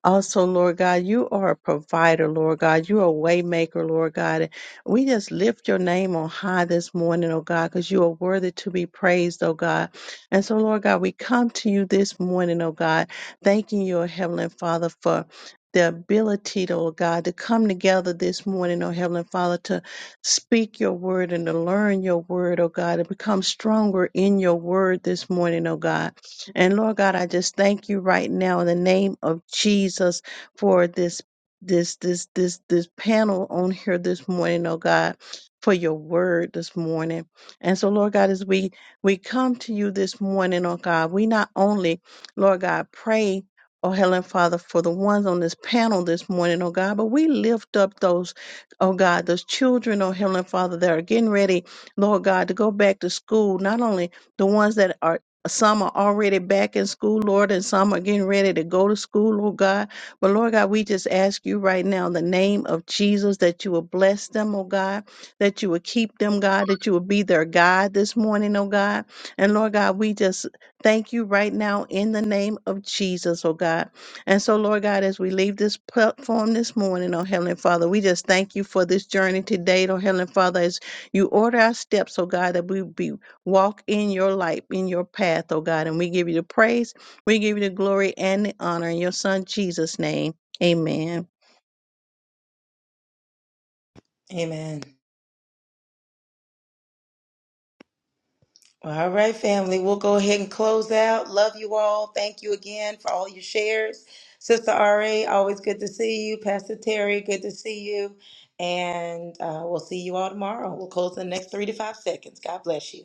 also, Lord God, you are a provider, Lord God. You're a way maker, Lord God. And we just lift your name on high this morning, oh God, because you are worthy to be praised, oh God. And so, Lord God, we come to you this morning, oh God, thanking you, oh Heavenly Father, for the ability, oh God, to come together this morning, oh Heavenly Father, to speak your word and to learn your word, oh God, and become stronger in your word this morning, oh God. And Lord God, I just thank you right now in the name of Jesus for this this this this this panel on here this morning, oh God, for your word this morning. And so Lord God, as we we come to you this morning, oh God, we not only, Lord God, pray Oh, Heavenly Father, for the ones on this panel this morning, oh God, but we lift up those Oh God, those children, oh Heavenly Father, that are getting ready, Lord God, to go back to school, not only the ones that are some are already back in school, Lord, and some are getting ready to go to school, Lord God. But Lord God, we just ask you right now in the name of Jesus that you will bless them, oh God, that you will keep them, God, that you will be their guide this morning, oh God. And Lord God, we just thank you right now in the name of Jesus, oh God. And so, Lord God, as we leave this platform this morning, oh Heavenly Father, we just thank you for this journey today, oh Heavenly Father, as you order our steps, oh God, that we be walk in your light, in your path, oh God. And we give you the praise, we give you the glory and the honor in your Son Jesus' name. Amen.
Amen. All right, family. We'll go ahead and close out. Love you all. Thank you again for all your shares. Sister RA, always good to see you. Pastor Terry, good to see you. And uh, we'll see you all tomorrow. We'll close in the next three to five seconds. God bless you.